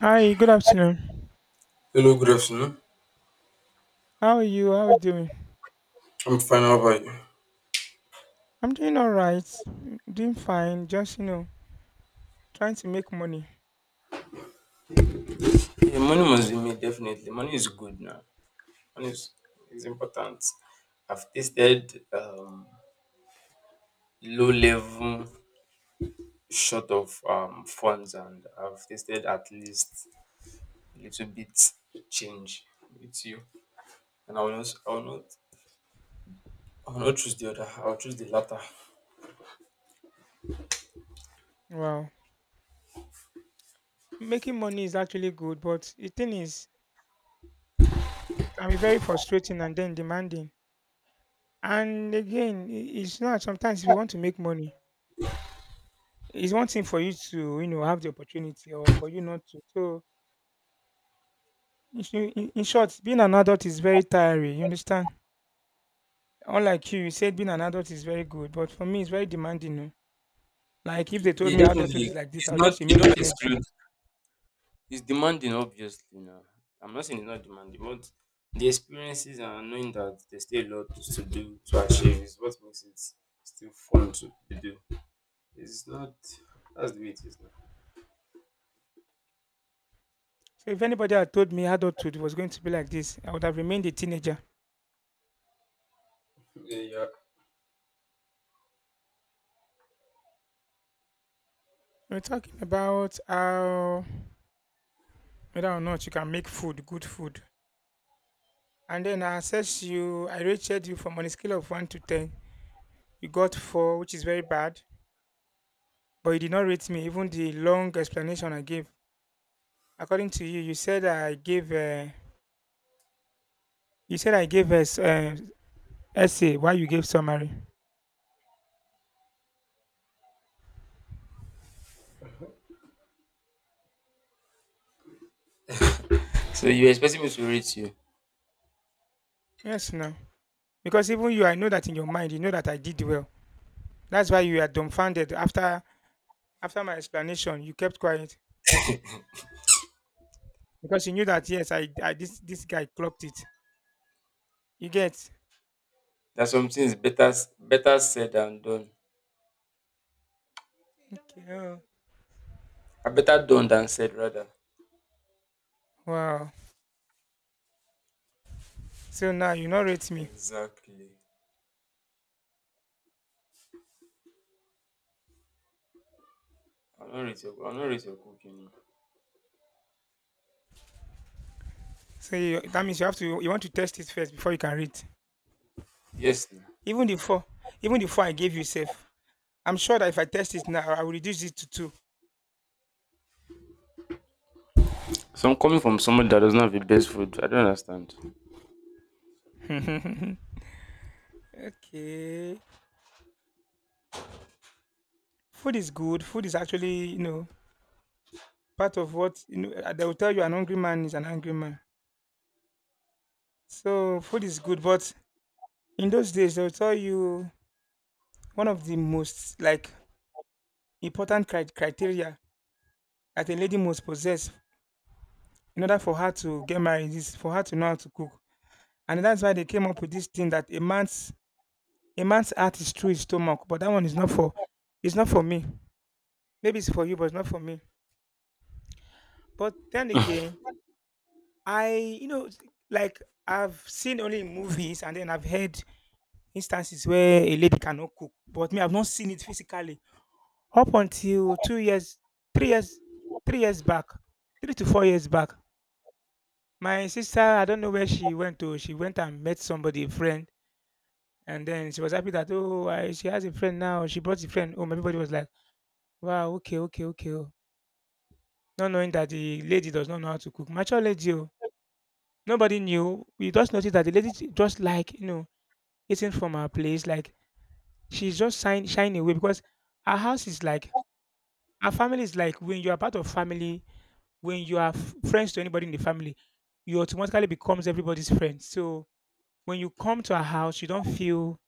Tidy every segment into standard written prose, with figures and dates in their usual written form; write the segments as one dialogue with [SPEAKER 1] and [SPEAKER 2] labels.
[SPEAKER 1] Hi, good afternoon.
[SPEAKER 2] Hello, good afternoon.
[SPEAKER 1] How are you? How are you doing?
[SPEAKER 2] I'm fine. How about you?
[SPEAKER 1] I'm doing all right. Doing fine. Just, trying to make money.
[SPEAKER 2] Yeah, money must be made definitely. Money is good now. Money is important. I've tasted low level short of funds, and I've tasted at least a little bit change with you. And I will not choose the other, I'll choose the latter.
[SPEAKER 1] Wow. Making money is actually good, but the thing is, it can be very frustrating and then demanding. And again, it's not sometimes if you want to make money, it's one thing for you to, have the opportunity or for you not to. So, in, sh- in short, being an adult is very tiring. You understand? Unlike you, you said being an adult is very good, but for me, it's very demanding. Oh. Like, if they told
[SPEAKER 2] Yeah,
[SPEAKER 1] me adulthood
[SPEAKER 2] definitely.
[SPEAKER 1] is like this,
[SPEAKER 2] It's
[SPEAKER 1] I'll
[SPEAKER 2] not
[SPEAKER 1] just
[SPEAKER 2] you
[SPEAKER 1] remain a
[SPEAKER 2] don't
[SPEAKER 1] teenager.
[SPEAKER 2] exclude It's demanding, obviously. Now, I'm not saying it's not demanding, but the experiences and knowing that there's still a lot to do to achieve is what makes it still fun to do. It's not. That's the way it is now.
[SPEAKER 1] So if anybody had told me adulthood was going to be like this, I would have remained a teenager.
[SPEAKER 2] Yeah, yeah.
[SPEAKER 1] We're talking about how whether or not you can make food, good food. And then I assessed you, I rated you from on a scale of 1 to 10. You got 4, which is very bad, but you did not rate me, even the long explanation I gave. According to you, you said I gave, you said I gave a essay, why you gave summary.
[SPEAKER 2] So you're expecting me to rate you?
[SPEAKER 1] Yes, no. Because even you, I know that in your mind, you know that I did well. That's why you are dumbfounded after my explanation. You kept quiet because you knew that yes, I, this guy clocked it. You get?
[SPEAKER 2] That something is better said than done.
[SPEAKER 1] Okay. Oh,
[SPEAKER 2] I better done than said rather.
[SPEAKER 1] Wow. So now you not rate me.
[SPEAKER 2] Exactly. I'll not rate your cooking. Nah.
[SPEAKER 1] So you, that means you have to you want to test it first before you can rate.
[SPEAKER 2] Yes, now.
[SPEAKER 1] Even the four, even the four I gave you safe. I'm sure that if I test it now, I will reduce it to two.
[SPEAKER 2] So I'm coming from someone that doesn't have the best food. I don't understand.
[SPEAKER 1] Okay. Food is good. Food is actually part of what you know. They will tell you an hungry man is an angry man. So food is good, but in those days they'll tell you one of the most like important criteria that a lady must possess in order for her to get married is for her to know how to cook. And that's why they came up with this thing that a man's heart is through his stomach, but that one is not for it's not for me. Maybe it's for you, but it's not for me. But then again, I like I've seen only in movies and then I've heard instances where a lady cannot cook, but me I've not seen it physically. Up until 2 years 3 years 3 years back, 3 to 4 years back, my sister, I don't know where she went to, she went and met somebody, a friend, and then she was happy that, "Oh, I she has a friend now, she brought a friend home." Everybody was like, "Wow, okay, okay, okay," not knowing that the lady does not know how to cook. Mature lady oh. Nobody knew. We just noticed that the lady j just like, eating from her place, like she's just shine shining away because our house is like our family is like when you are part of family when you are friends to anybody in the family, you automatically becomes everybody's friend. So when you come to a house, you don't feel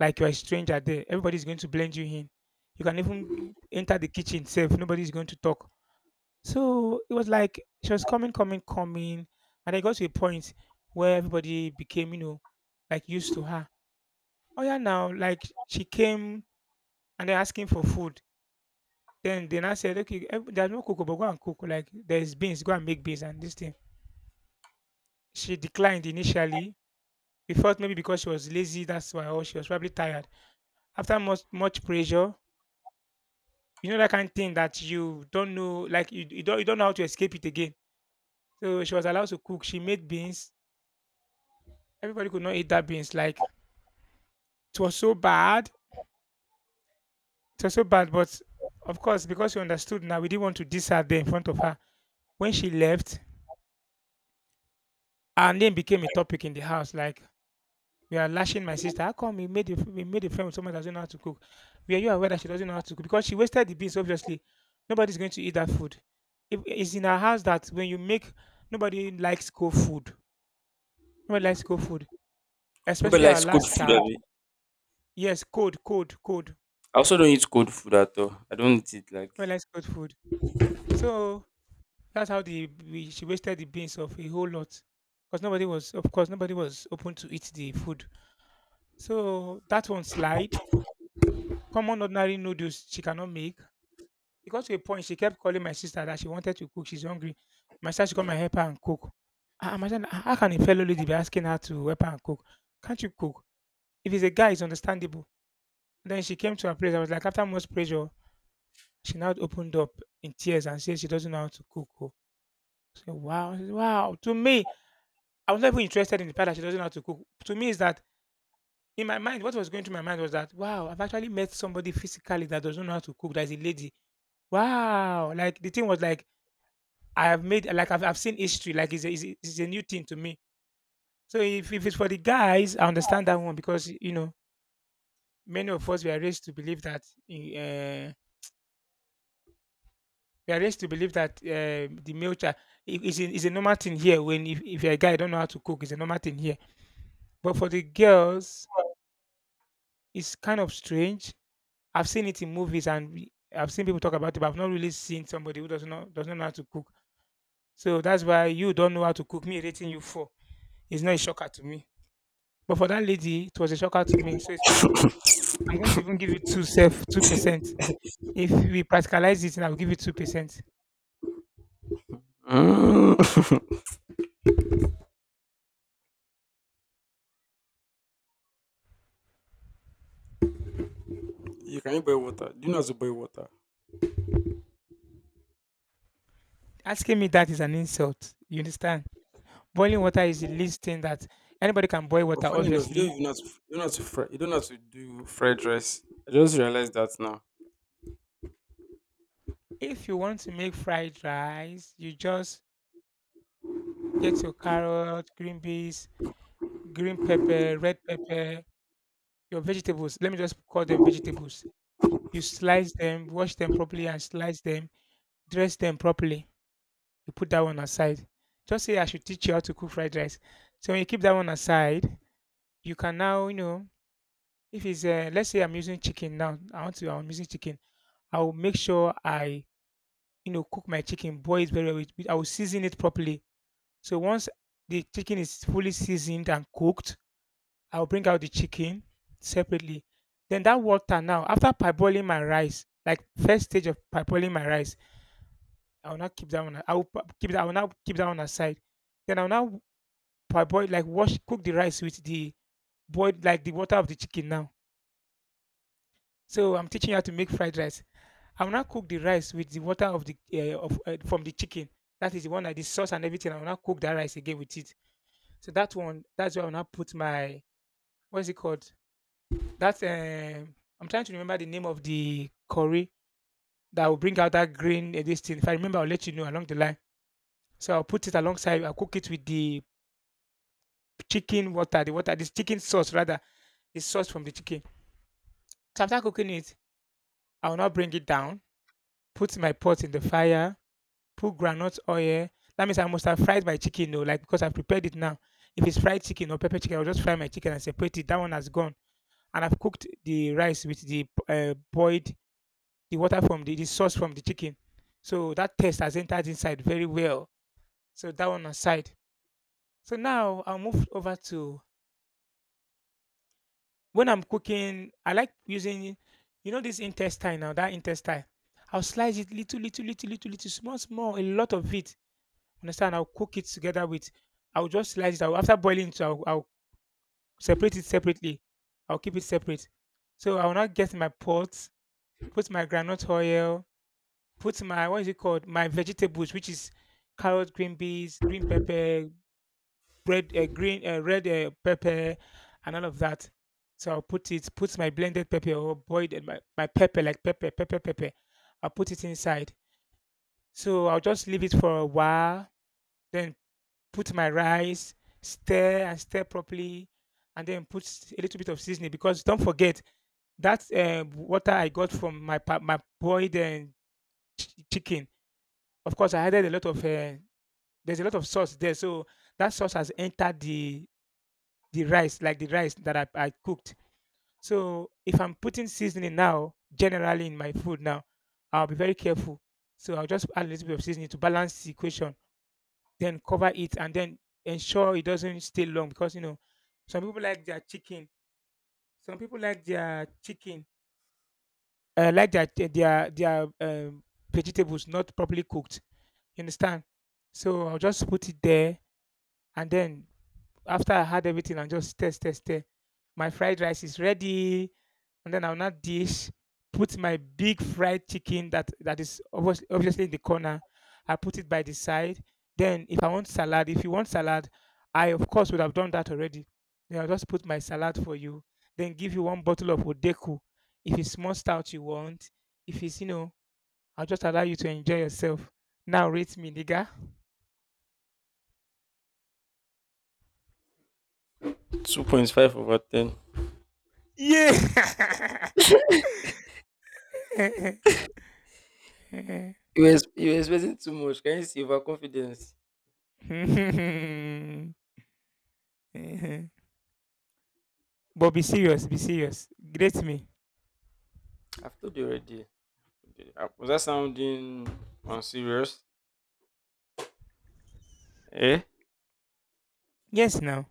[SPEAKER 1] like you're a stranger there. Everybody's going to blend you in. You can even enter the kitchen safe. Nobody's going to talk. So it was like she was coming, and I got to a point where everybody became, like used to her. Oh yeah, now like she came and they're asking for food. Then I said, okay, there's no cook, but go and cook. Like there's beans, go and make beans and this thing. She declined initially. We felt maybe because she was lazy, that's why, or she was probably tired. After much pressure, you know that kind of thing that you don't know, like you don't know how to escape it again. So she was allowed to cook. She made beans. Everybody could not eat that beans. Like it was so bad. It was so bad. But of course, because we understood now, we didn't want to diss her there in front of her. When she left, her name became a topic in the house. Like we are lashing my sister. How come we made a we made a friend with someone that doesn't know how to cook? Were you aware that she doesn't know how to cook? Because she wasted the beans, obviously. Nobody's going to eat that food. If it's in our house that when you make, nobody likes cold food. Nobody likes cold food,
[SPEAKER 2] Nobody
[SPEAKER 1] especially our
[SPEAKER 2] likes good
[SPEAKER 1] last
[SPEAKER 2] food.
[SPEAKER 1] child.
[SPEAKER 2] Abi?
[SPEAKER 1] Yes, cold, cold, cold.
[SPEAKER 2] I also don't eat cold food at all. I don't eat it like—
[SPEAKER 1] Nobody likes cold food. So that's how the we, she wasted the beans of a whole lot. Because nobody was, of course, nobody was open to eat the food. So that one slide. Common ordinary noodles she cannot make. It got to a point she kept calling my sister that she wanted to cook, she's hungry. My sister should come and help her and cook. I imagine how can a fellow lady be asking her to help her and cook? Can't you cook? If it's a guy, it's understandable. Then she came to her place. I was like, after most pressure, she now opened up in tears and said she doesn't know how to cook. Oh. I said, wow. To me, I was not even interested in the fact that she doesn't know how to cook. To me, is that in my mind, what was going through my mind was that, wow, I've actually met somebody physically that doesn't know how to cook, that is a lady. Wow. Like the thing was like, I've seen history like it's a new thing to me. So if it's for the guys, I understand that one because many of us we are raised to believe that the male child it's a normal thing here. When if you're a guy, you don't know how to cook, it's a normal thing here. But for the girls, it's kind of strange. I've seen it in movies and I've seen people talk about it, but I've not really seen somebody who does not know how to cook. So that's why you don't know how to cook. Me rating you for. It's not a shocker to me. But for that lady, it was a shocker to me. So it's possible. I'm going to even give you two self 2%. If we practicalize it, and I'll give you 2%.
[SPEAKER 2] Mm. You can you boil water? Do you know how to boil water?
[SPEAKER 1] Asking me that is an insult. You understand? Boiling water is the least thing that anybody can boil
[SPEAKER 2] But
[SPEAKER 1] water.
[SPEAKER 2] funny enough, you don't
[SPEAKER 1] Obviously,
[SPEAKER 2] even have to, you don't have to fry, you don't have to do fried rice. I just realized that now.
[SPEAKER 1] if you want to make fried rice, you just get your carrot, green beans, green pepper, red pepper, your vegetables. Let me just call them vegetables. You slice them, wash them properly, and slice them. Dress them properly you put that one aside. Just say I should teach you how to cook fried rice. So when you keep that one aside, you can now, you know, if it's let's say I'm using chicken. I will make sure I, you know, cook my chicken, boil it very well. I will season it properly. So once the chicken is fully seasoned and cooked, I'll bring out the chicken separately. Then that water now, after parboiling my rice, like first stage of parboiling my rice, I will not keep that one. I will pa- keep that. I will now keep that one aside. Then I'll now parboil like wash cook the rice with the boiled like the water of the chicken now. So I'm teaching you how to make fried rice. I will now cook the rice with the water of the of from the chicken. That is the one that the sauce and everything. I will now cook that rice again with it. So that one, that's where I will now put my what is it called? That I'm trying to remember the name of the curry that will bring out that green this thing. If I remember, I'll let you know along the line. So I'll put it alongside. I'll cook it with the chicken water, the water, this chicken sauce rather, the sauce from the chicken. So after cooking it, I will not bring it down. Put my pot in the fire. Put groundnut oil. That means I must have fried my chicken, though, like because I've prepared it now. If it's fried chicken or pepper chicken, I'll just fry my chicken and separate it. That one has gone. And I've cooked the rice with the boiled, the water from the sauce from the chicken. So that taste has entered inside very well. So that one aside. So now I'll move over to when I'm cooking, I like using, this intestine now, that intestine. I'll slice it little, little, little, little, little, small, small, a lot of it. Understand? I'll cook it together with, I'll just slice it. After boiling it, I'll separate it separately. I'll keep it separate. So I will now get my pot, put my granite oil, put my, what is it called? My vegetables, which is carrot, green beans, green pepper, bread, green, red pepper, and all of that. So I'll put it, put my blended pepper or boiled, my pepper, like pepper, pepper, pepper. I'll put it inside. So I'll just leave it for a while. Then put my rice, stir and stir properly, and then a little bit of seasoning because don't forget that water I got from my boiled chicken. Of course, I added a lot of there's a lot of sauce there, so that sauce has entered the rice like the rice that I cooked. So if I'm putting seasoning now, generally in my food now, I'll be very careful. So I'll just add a little bit of seasoning to balance the equation, then cover it and then ensure it doesn't stay long because you know some people like their chicken some people like their chicken like their vegetables not properly cooked. You understand? So I'll just put it there, and then after I had everything and just test, test, test. My fried rice is ready. And then I'll not dish, put my big fried chicken that is obviously in the corner. I put it by the side. Then if you want salad, I of course would have done that already. Then I'll just put my salad for you. Then give you one bottle of Odeku. If it's more stout you want, if it's you know, I'll just allow you to enjoy yourself. Now rate me, nigga.
[SPEAKER 2] 2.5 over 10.
[SPEAKER 1] Yeah.
[SPEAKER 2] You were expecting too much. Can you see overconfidence?
[SPEAKER 1] but Be serious, be serious. Grate me.
[SPEAKER 2] I've told you already. Was that sounding unserious? Eh?
[SPEAKER 1] Yes, now.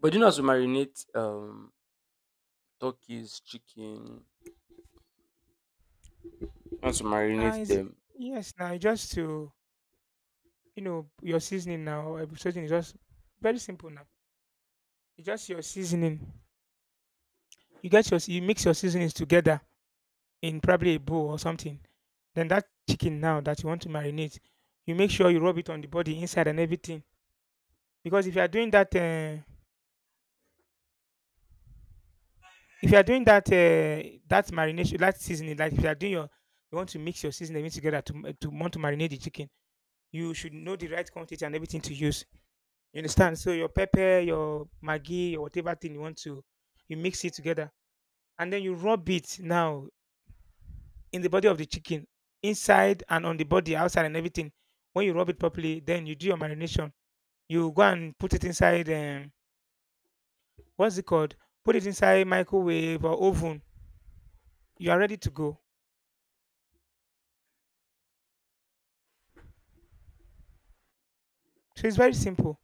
[SPEAKER 2] But do you know how to marinate turkeys, chicken? You know how to
[SPEAKER 1] Ah,
[SPEAKER 2] marinate
[SPEAKER 1] is
[SPEAKER 2] them?
[SPEAKER 1] Yes, now. Just to you know your seasoning now. Or seasoning is just very simple now. It's just your seasoning. You mix your seasonings together in probably a bowl or something. Then that chicken now that you want to marinate, you make sure you rub it on the body inside and everything. Because if you are doing that, If you are doing that that marination, that seasoning, like if you are doing your, you want to mix your seasoning everything together to want to marinate the chicken, you should know the right quantity and everything to use. You understand? So your pepper, your maggi, your whatever thing you want to, you mix it together, and then you rub it now in the body of the chicken, inside and on the body, outside and everything. When you rub it properly, then you do your marination. You go and put it inside. What's it called? Put it inside microwave or oven. You are ready to go. So it's very simple.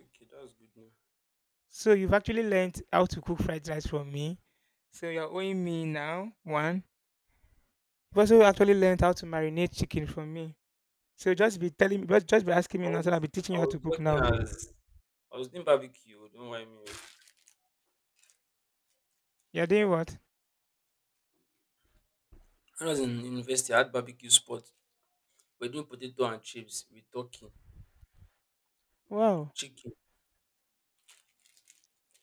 [SPEAKER 2] Okay, that's good.
[SPEAKER 1] So you've actually learned how to cook fried rice from me. So you're owing me now one. You've also actually learned how to marinate chicken from me. So just be telling me, just be asking me
[SPEAKER 2] I
[SPEAKER 1] now,
[SPEAKER 2] was
[SPEAKER 1] so I'll be teaching
[SPEAKER 2] I
[SPEAKER 1] you how
[SPEAKER 2] was
[SPEAKER 1] to cook
[SPEAKER 2] working
[SPEAKER 1] now.
[SPEAKER 2] as— I was doing barbecue, oh. Don't worry me, oh.
[SPEAKER 1] You're doing what?
[SPEAKER 2] When I was in university, I had barbecue spot. We're doing potato and chips with turkey,
[SPEAKER 1] Wow.
[SPEAKER 2] chicken.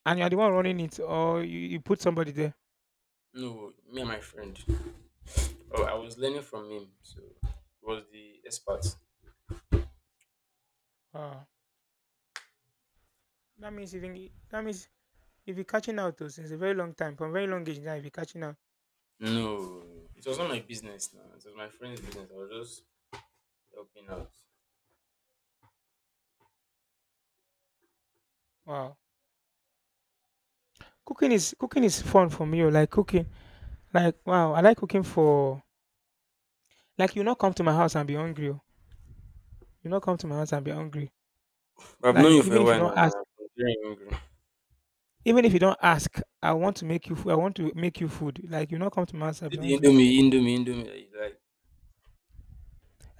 [SPEAKER 1] And you're the one running it, or you put somebody there.
[SPEAKER 2] No, me and my friend. Oh, I was learning from him, so he was the expert.
[SPEAKER 1] Wow. That means that means if you're catching out though since a very long time, from very long age now, if you're catching out.
[SPEAKER 2] No, it was not my business now. It was my friend's business. I was just helping out.
[SPEAKER 1] Wow. Cooking is fun for me, oh. Like cooking, like wow, I like cooking for like you not come to my house and be hungry, oh. You not come to my house and be hungry.
[SPEAKER 2] But I've known you
[SPEAKER 1] Like
[SPEAKER 2] for
[SPEAKER 1] even
[SPEAKER 2] a
[SPEAKER 1] if you
[SPEAKER 2] while
[SPEAKER 1] don't
[SPEAKER 2] now, and
[SPEAKER 1] ask,
[SPEAKER 2] I'm very hungry.
[SPEAKER 1] even if you don't ask, I want to make you food. I want to make you food. Like you not come to my house, I'll
[SPEAKER 2] See
[SPEAKER 1] be
[SPEAKER 2] the
[SPEAKER 1] hungry.
[SPEAKER 2] Indomie that you like.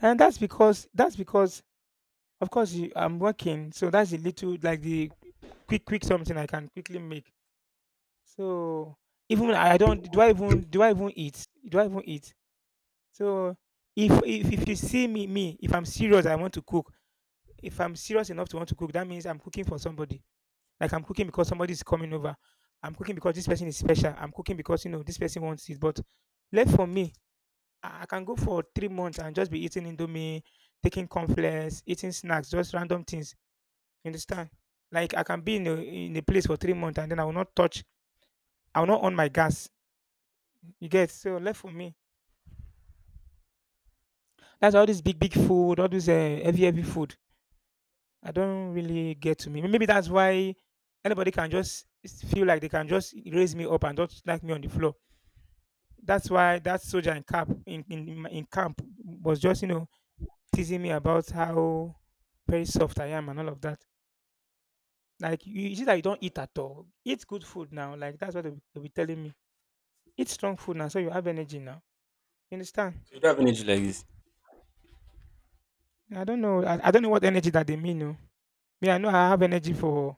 [SPEAKER 1] And that's because of course you, I'm working, so that's a little like the quick quick something I can quickly make. So even when I don't do I even eat? Do I even eat? So if you see me, if I'm serious I want to cook. If I'm serious enough to want to cook, that means I'm cooking for somebody. Like I'm cooking because somebody's coming over. I'm cooking because this person is special. I'm cooking because you know this person wants it. But left for me, I can go for 3 months and just be eating indomie, taking conflicts, eating snacks, just random things. You understand? Like I can be in a place for 3 months and then I will not touch. I will not on my gas. You get so left for me. That's all this big big food, all this heavy heavy food. I don't really get to me. Maybe that's why anybody can just feel like they can just raise me up and not like me on the floor. That's why that soldier in camp in my- in camp was just you know teasing me about how very soft I am and all of that. Like you see that you don't eat at all. Eat good food now. Like that's what they'll be telling me. Eat strong food now, so you have energy now. You understand?
[SPEAKER 2] So you don't have energy like this.
[SPEAKER 1] I don't know. I don't know what energy that they mean. No, me I know I have energy for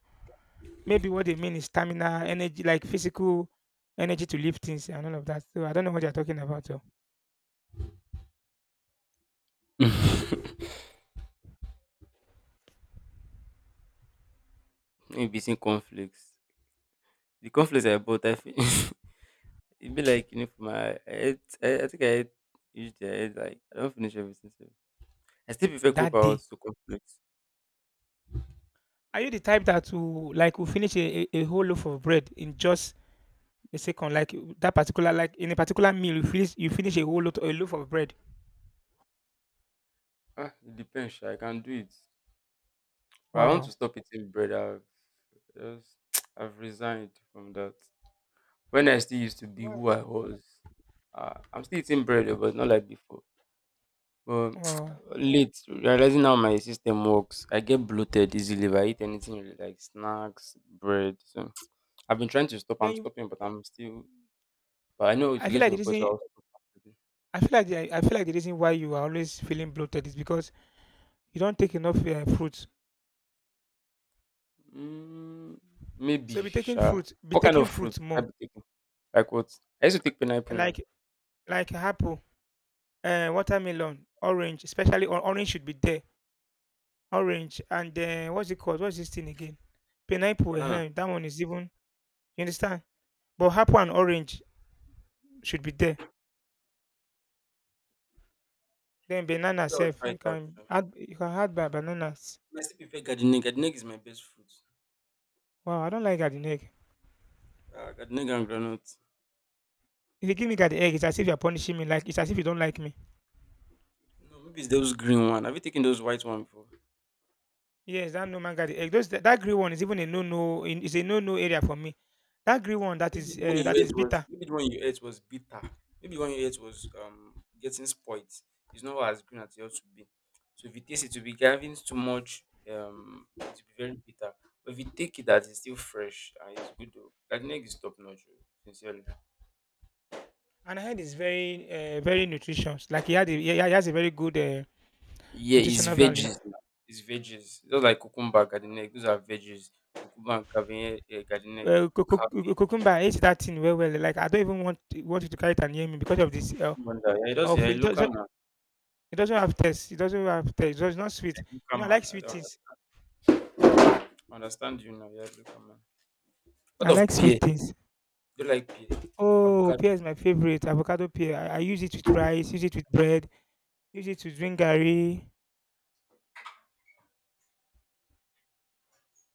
[SPEAKER 1] maybe what they mean is stamina, energy like physical energy to lift things and all of that. So I don't know what they're talking about, oh.
[SPEAKER 2] Maybe eating conflicts. The conflicts I bought, I finished. It'd be like, you know, for my— I ate I think I ate each day. I ate like— I don't finish everything sef. I still prefer Coke
[SPEAKER 1] That
[SPEAKER 2] or
[SPEAKER 1] day,
[SPEAKER 2] to cornflakes.
[SPEAKER 1] are you the type that will will finish a whole loaf of bread in just a second, like that particular like in a particular meal you finish a whole lot a loaf of bread.
[SPEAKER 2] Ah, it depends sha, I can do it. But I want to
[SPEAKER 1] Wow.
[SPEAKER 2] stop eating bread. I've just— I've resigned from that. When I still used to be
[SPEAKER 1] Right.
[SPEAKER 2] who I was, I'm still eating bread, oh, but not like before. But
[SPEAKER 1] Wow.
[SPEAKER 2] late, realizing how my system works, I get bloated easily if I eat anything, really, like snacks, bread. So I've been trying to stop. I'm
[SPEAKER 1] Then you
[SPEAKER 2] stopping, but I'm still— But I know it's
[SPEAKER 1] I feel
[SPEAKER 2] getting
[SPEAKER 1] like the
[SPEAKER 2] your point,
[SPEAKER 1] reason
[SPEAKER 2] so I'll stop fruit.
[SPEAKER 1] I feel like the reason why you are always feeling bloated is because you don't take enough fruits.
[SPEAKER 2] Mm, maybe
[SPEAKER 1] So
[SPEAKER 2] sure.
[SPEAKER 1] be
[SPEAKER 2] What kind
[SPEAKER 1] taking
[SPEAKER 2] of fruit
[SPEAKER 1] fruits
[SPEAKER 2] I
[SPEAKER 1] more.
[SPEAKER 2] be taking? Like what? I used to take pineapple now.
[SPEAKER 1] like like apple, watermelon, orange especially, or orange should be there. Orange and what's it called, what's this thing again, pineapple,
[SPEAKER 2] Banana.
[SPEAKER 1] that one is even, you understand? But apple and orange should be there. Then banana
[SPEAKER 2] Maybe I'll
[SPEAKER 1] sef,
[SPEAKER 2] try
[SPEAKER 1] you
[SPEAKER 2] it out,
[SPEAKER 1] can
[SPEAKER 2] sha.
[SPEAKER 1] add, you can add ba bananas.
[SPEAKER 2] I still prefer gardening. Gardening is my best fruit.
[SPEAKER 1] Wow! I don't like garden egg.
[SPEAKER 2] Gardening and granite.
[SPEAKER 1] If you give me garden egg, it's as if you're punishing me, like, it's as if you don't like me.
[SPEAKER 2] No, maybe it's those green one. Have you taken those white one before?
[SPEAKER 1] Yes, that normal garden egg. Those that that green one is even a no-no. It's a no-no area for me. That green one that is, that is bitter.
[SPEAKER 2] Maybe the one you ate was bitter. Maybe the one you ate was getting spoiled. It's not as green as it ought to be. So if you taste it, to be having too much, it will be very bitter. But if you take it that it's still fresh and it's good though. Gardening is top notch, oh, sincerely.
[SPEAKER 1] And I heard it's very, very nutritious. Like, he has a very good,
[SPEAKER 2] Yeah, it's
[SPEAKER 1] nutritional value.
[SPEAKER 2] veggies, now. It's veggies. Just like cucumber, garden egg. Those are veggies. Cucumber and cabbage, gardening.
[SPEAKER 1] Eh, cu cu cu
[SPEAKER 2] Cabbage,
[SPEAKER 1] cucumber, I hate that thing well, well. Like, I don't even want you to carry it and near me because of this, eh,
[SPEAKER 2] wonder. Yeah, just
[SPEAKER 1] of
[SPEAKER 2] yeah,
[SPEAKER 1] it
[SPEAKER 2] local
[SPEAKER 1] doesn't,
[SPEAKER 2] man,
[SPEAKER 1] it doesn't have taste. It doesn't have taste. It's not sweet. You
[SPEAKER 2] local
[SPEAKER 1] know, I
[SPEAKER 2] man.
[SPEAKER 1] like
[SPEAKER 2] I
[SPEAKER 1] sweet
[SPEAKER 2] don't
[SPEAKER 1] things.
[SPEAKER 2] understand you now. Yeah, local man. What
[SPEAKER 1] I like
[SPEAKER 2] of
[SPEAKER 1] sweet
[SPEAKER 2] pear?
[SPEAKER 1] things.
[SPEAKER 2] Do you like pear?
[SPEAKER 1] Oh,
[SPEAKER 2] Avocado.
[SPEAKER 1] pear is my favorite. Avocado pear. I use it with rice, use it with bread, use it to drink gari.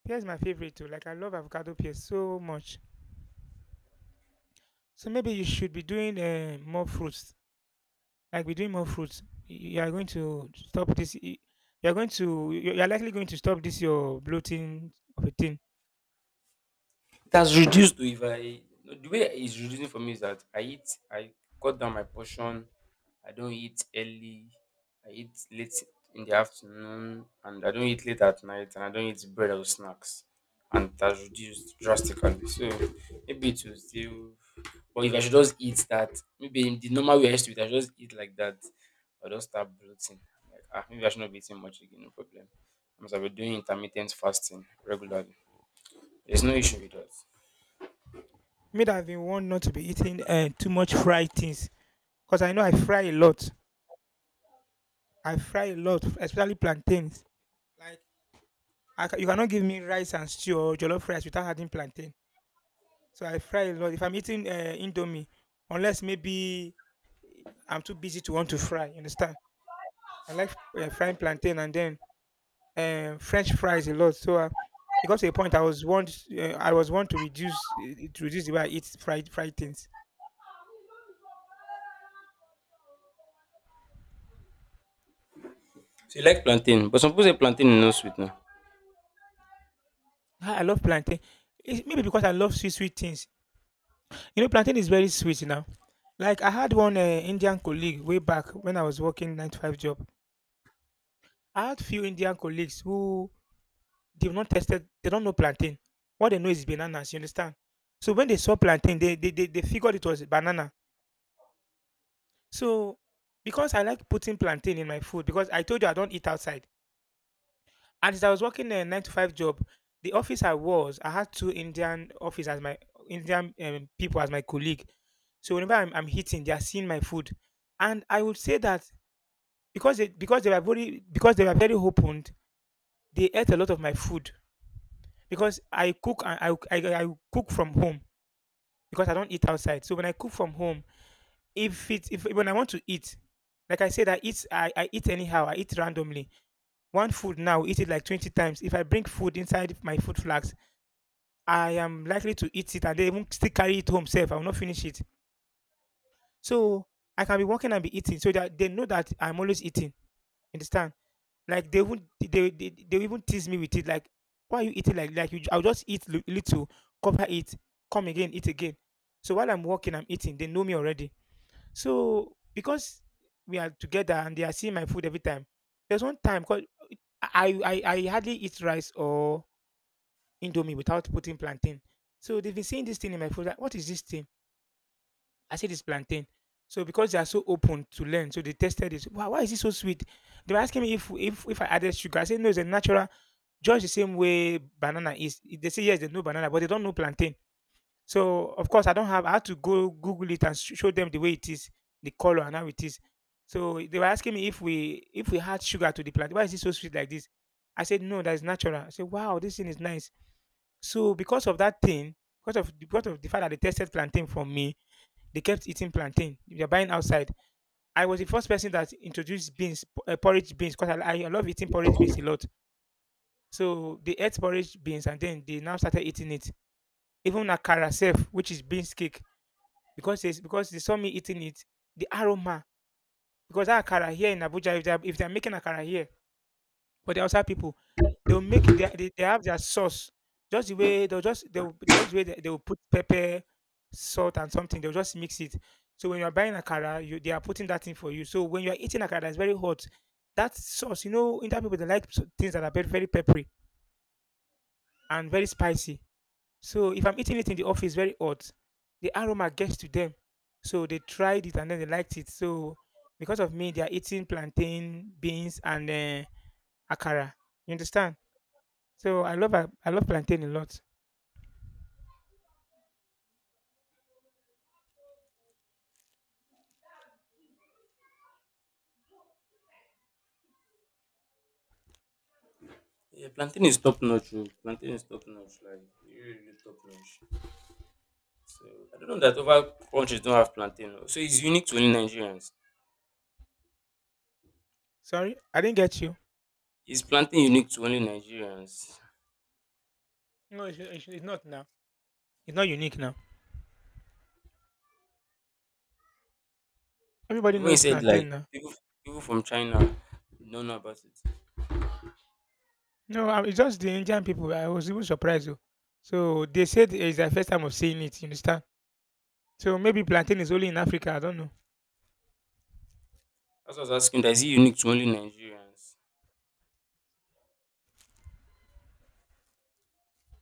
[SPEAKER 1] Pear is my favorite too. Like I love avocado pear so much. So maybe you should be doing more fruits. Like be doing more fruits. You are going to stop this. You are going to. You are likely going to stop this your bloating of a thing.
[SPEAKER 2] It has reduced though. If I No, the way it's reducing for me is that I eat I cut down my portion. I don't eat early. I eat late in the afternoon, and I don't eat late at night, and I don't eat bread or snacks. And it has reduced drastically. So maybe it will still— but if I should just eat that, maybe in the normal way I used to eat, I should just eat like that. I'll just start bloating. Like, ah, maybe I should not be eating much again, no problem. I'm be doing intermittent fasting regularly. There's no issue with that.
[SPEAKER 1] Me that I've been warned not to be eating too much fried things because I know I fry a lot. I fry a lot, especially plantains. Like. You cannot give me rice and stew or jollof rice without adding plantain. So I fry a lot. If I'm eating Indomie, unless maybe I'm too busy to want to fry, you understand? I like frying plantain and then French fries a lot. So it got to a point I was want to reduce the way I eat fried fried things.
[SPEAKER 2] So you like plantain, but some people say plantain is not sweet now.
[SPEAKER 1] I love plantain. It's maybe because I love sweet sweet things. You know, plantain is very sweet now. Like I had one Indian colleague way back when I was working 9 to 5 job. I had few Indian colleagues who— they've not tested, they don't know plantain. What they know is bananas, you understand? So when they saw plantain, they figured it was banana. So because I like putting plantain in my food, because I told you I don't eat outside. And as I was working a nine to five job, the office I was, I had two Indian office as my Indian people as my colleague. So whenever I'm hitting, they are seeing my food, and I would say that because they were very open, they ate a lot of my food because I cook from home. Because I don't eat outside. So when I cook from home, if when I want to eat, like I said, I eat anyhow. I eat randomly. One food now, eat it like 20 times. If I bring food inside my food flags, I am likely to eat it and they even still carry it home safe. I will not finish it. So I can be walking and be eating so that they know that I'm always eating. Understand? Like they would they even tease me with it. Like, why are you eating like you? I'll just eat little, cover it, come again, eat again. So while I'm walking, I'm eating. They know me already. So because we are together and they are seeing my food every time, there's one time because I hardly eat rice or indomie without putting plantain. So they've been seeing this thing in my food. Like, what is this thing? I said it's plantain. So because they are so open to learn, so they tested it. Wow, why is it so sweet? They were asking me if I added sugar. I said no, it's a natural, just the same way banana is. They say yes, they know banana, but they don't know plantain. So of course I don't have I had to go Google it and show them the way it is, the color and how it is. So they were asking me if we add sugar to the plant, why is it so sweet like this? I said no, that is natural. I said wow, this thing is nice. So because of that thing, because of the fact that they tested plantain from me, they kept eating plantain. They're buying outside. I was the first person that introduced beans, porridge beans, because I love eating porridge beans a lot. So they ate porridge beans and then they now started eating it. Even akara self, which is beans cake because because they saw me eating it, the aroma. Because that akara here in Abuja, if they're making akara here but the outside people, they'll make they have their sauce. Just the way they'll just they'll the way they, they'll put pepper, salt and something, they'll just mix it. So when you're buying akara, you they are putting that in for you. So when you're eating akara, it's very hot. That sauce, you know, Indian people they like things that are very, very peppery and very spicy. So if I'm eating it in the office very hot, the aroma gets to them. So they tried it and then they liked it. So because of me, they are eating plantain, beans, and akara. You understand? So I love I love plantain a lot.
[SPEAKER 2] Yeah, plantain is top notch, oh. Plantain is top notch, like really, really top notch. So I don't know that other countries don't have plantain, oh. So it's unique to only Nigerians.
[SPEAKER 1] Sorry, I didn't get you.
[SPEAKER 2] Is plantain unique to only Nigerians?
[SPEAKER 1] No, it's not now. It's not unique now. Everybody
[SPEAKER 2] No. When you
[SPEAKER 1] knows
[SPEAKER 2] said like
[SPEAKER 1] plantain now.
[SPEAKER 2] people— people from China don't know about it.
[SPEAKER 1] No, it's just the Indian people. I was even surprised, oh. So they said it's their first time of seeing it. You understand? So maybe plantain is only in Africa. I don't know.
[SPEAKER 2] That's what I was asking. That is it unique to only Nigerians?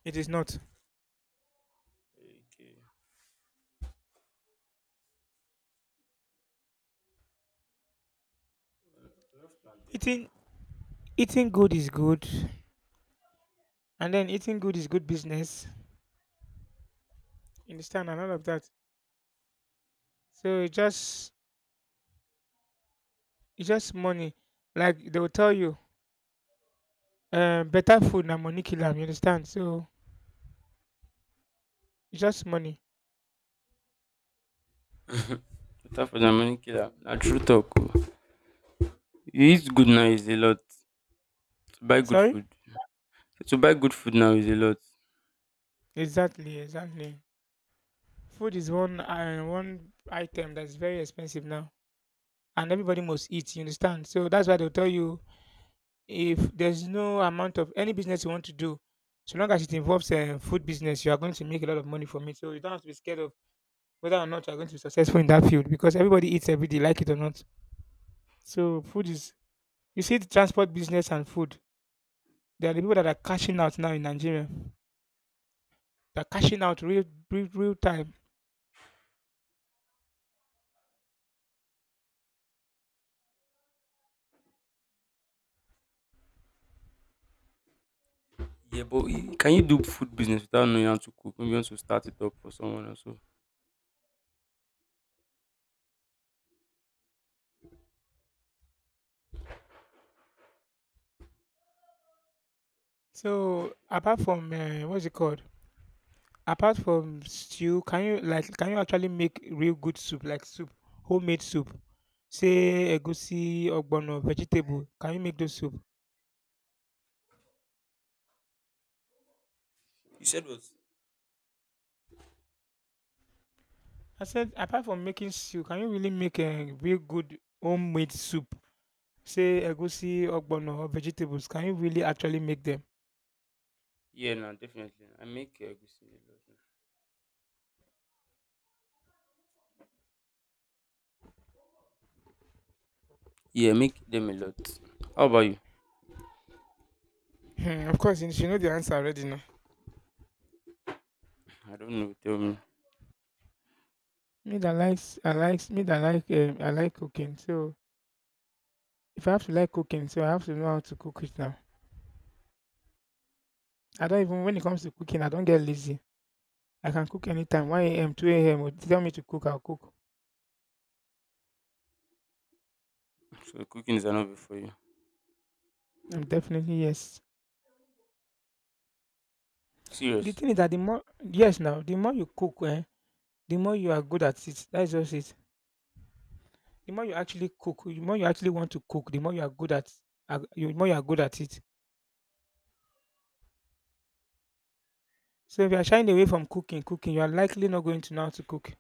[SPEAKER 1] It is not.
[SPEAKER 2] Okay. I love plantain.
[SPEAKER 1] Eating— eating good is good, and then eating good is good business. You understand, and all of that. So it's just money. Like they will tell you, better food than money killer. You understand? So it's just money.
[SPEAKER 2] Better for the money killer. Na true talk, oh. You eat good now is a lot. Buy good
[SPEAKER 1] Sorry?
[SPEAKER 2] food. To buy good food now is a lot.
[SPEAKER 1] Exactly, exactly. Food is one one item that's very expensive now, and everybody must eat. You understand? So that's why they'll tell you, if there's no amount of any business you want to do, so long as it involves a food business, you are going to make a lot of money from it. So you don't have to be scared of whether or not you're going to be successful in that field because everybody eats every day, like it or not. So food is— you see the transport business and food. They are the people that are cashing out now in Nigeria. They're cashing out real, real, real time.
[SPEAKER 2] Yeah, but can you do food business without knowing how to cook? Maybe you want to start it up for someone or so.
[SPEAKER 1] So apart from what's it called? Apart from stew, can you can you actually make real good soup like soup, homemade soup? Say egusi, ogbono, vegetable. Can you make those soup?
[SPEAKER 2] You said what?
[SPEAKER 1] I said apart from making stew, can you really make a real good homemade soup? Say egusi, ogbono or vegetables, can you really actually make them?
[SPEAKER 2] Yeah, no, definitely. I make egusi a lot, now. Yeah, make them a lot. How about you?
[SPEAKER 1] Hmm, of course, you should know the answer already now.
[SPEAKER 2] I don't know. Tell me.
[SPEAKER 1] Me that likes, I likes, me that like, I like cooking. So if I have to like cooking, so I have to know how to cook it now. I don't even when it comes to cooking, I don't get lazy. I can cook anytime, 1 a.m., 2 a.m. Or tell me to cook, I'll cook.
[SPEAKER 2] So cooking is an hobby for you.
[SPEAKER 1] I'm definitely yes. The
[SPEAKER 2] Serious?
[SPEAKER 1] thing is that the more— yes now, the more you cook, eh, the more you are good at it. That's just it. The more you actually cook, the more you actually want to cook, the more you are good at, the more you are good at it. So if you are shying away from cooking, cooking, you are likely not going to know how to cook.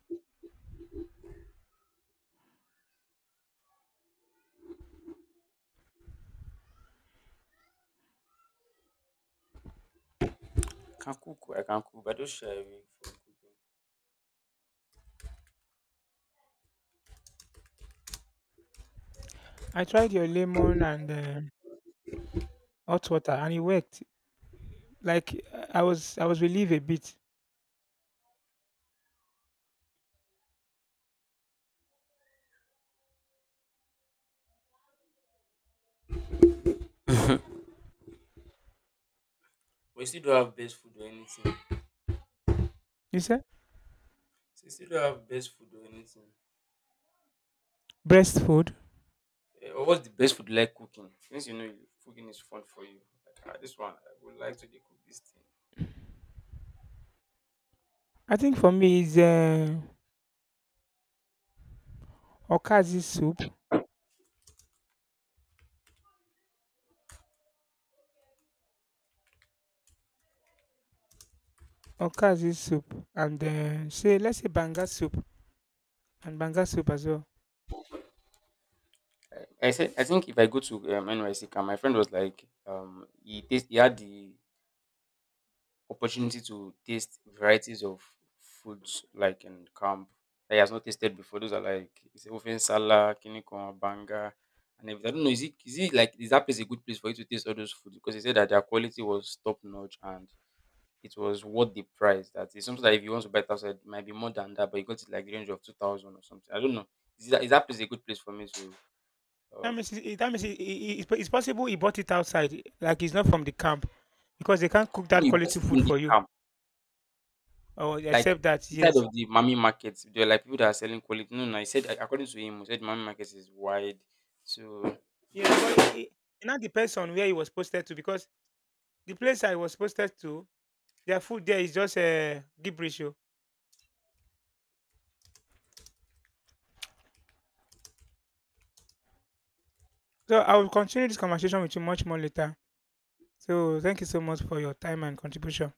[SPEAKER 2] I can cook. I can cook. But I don't share away for cooking.
[SPEAKER 1] I tried your lemon and hot water, and it worked. Like I was relieved a bit.
[SPEAKER 2] But you still don't have best food or anything.
[SPEAKER 1] You said
[SPEAKER 2] So you still don't have best food or anything.
[SPEAKER 1] breast food.
[SPEAKER 2] Eh, or what's the best food you like cooking? Since you know cooking is fun for you. Like, ah, this one, I would like to dey cook this thing.
[SPEAKER 1] I think for me is okazi soup, okazi soup, and say let's say banga soup and banga soup as well.
[SPEAKER 2] I think if I go to NYC camp, my friend was like, he had the opportunity to taste varieties of foods like in camp that he has not tasted before. Those are like it's ofensala, kinikon, banga, and everything. I don't know. Is it like is that place a good place for you to taste all those foods? Because he said that their quality was top notch, and it was worth the price. That is something that if you want to buy it outside, it might be more than that, but you got it like the range of 2,000 or something. I don't know. Is that place a good place for me to
[SPEAKER 1] That
[SPEAKER 2] um?
[SPEAKER 1] means it's possible he bought it outside, like it's not from the camp because they can't cook
[SPEAKER 2] No,
[SPEAKER 1] that
[SPEAKER 2] you bought
[SPEAKER 1] quality
[SPEAKER 2] it in
[SPEAKER 1] food
[SPEAKER 2] the
[SPEAKER 1] for you.
[SPEAKER 2] camp.
[SPEAKER 1] Or
[SPEAKER 2] Like
[SPEAKER 1] except that,
[SPEAKER 2] inside
[SPEAKER 1] yes.
[SPEAKER 2] of the mommy market, there are like people that are selling quality. No, no, he said according to him, he said mommy market is wide. So
[SPEAKER 1] Yeah, but it now depends on where it was posted to because the place I was posted to, their food there is just a gibberish, oh. So I will continue this conversation with you much more later. So thank you so much for your time and contribution.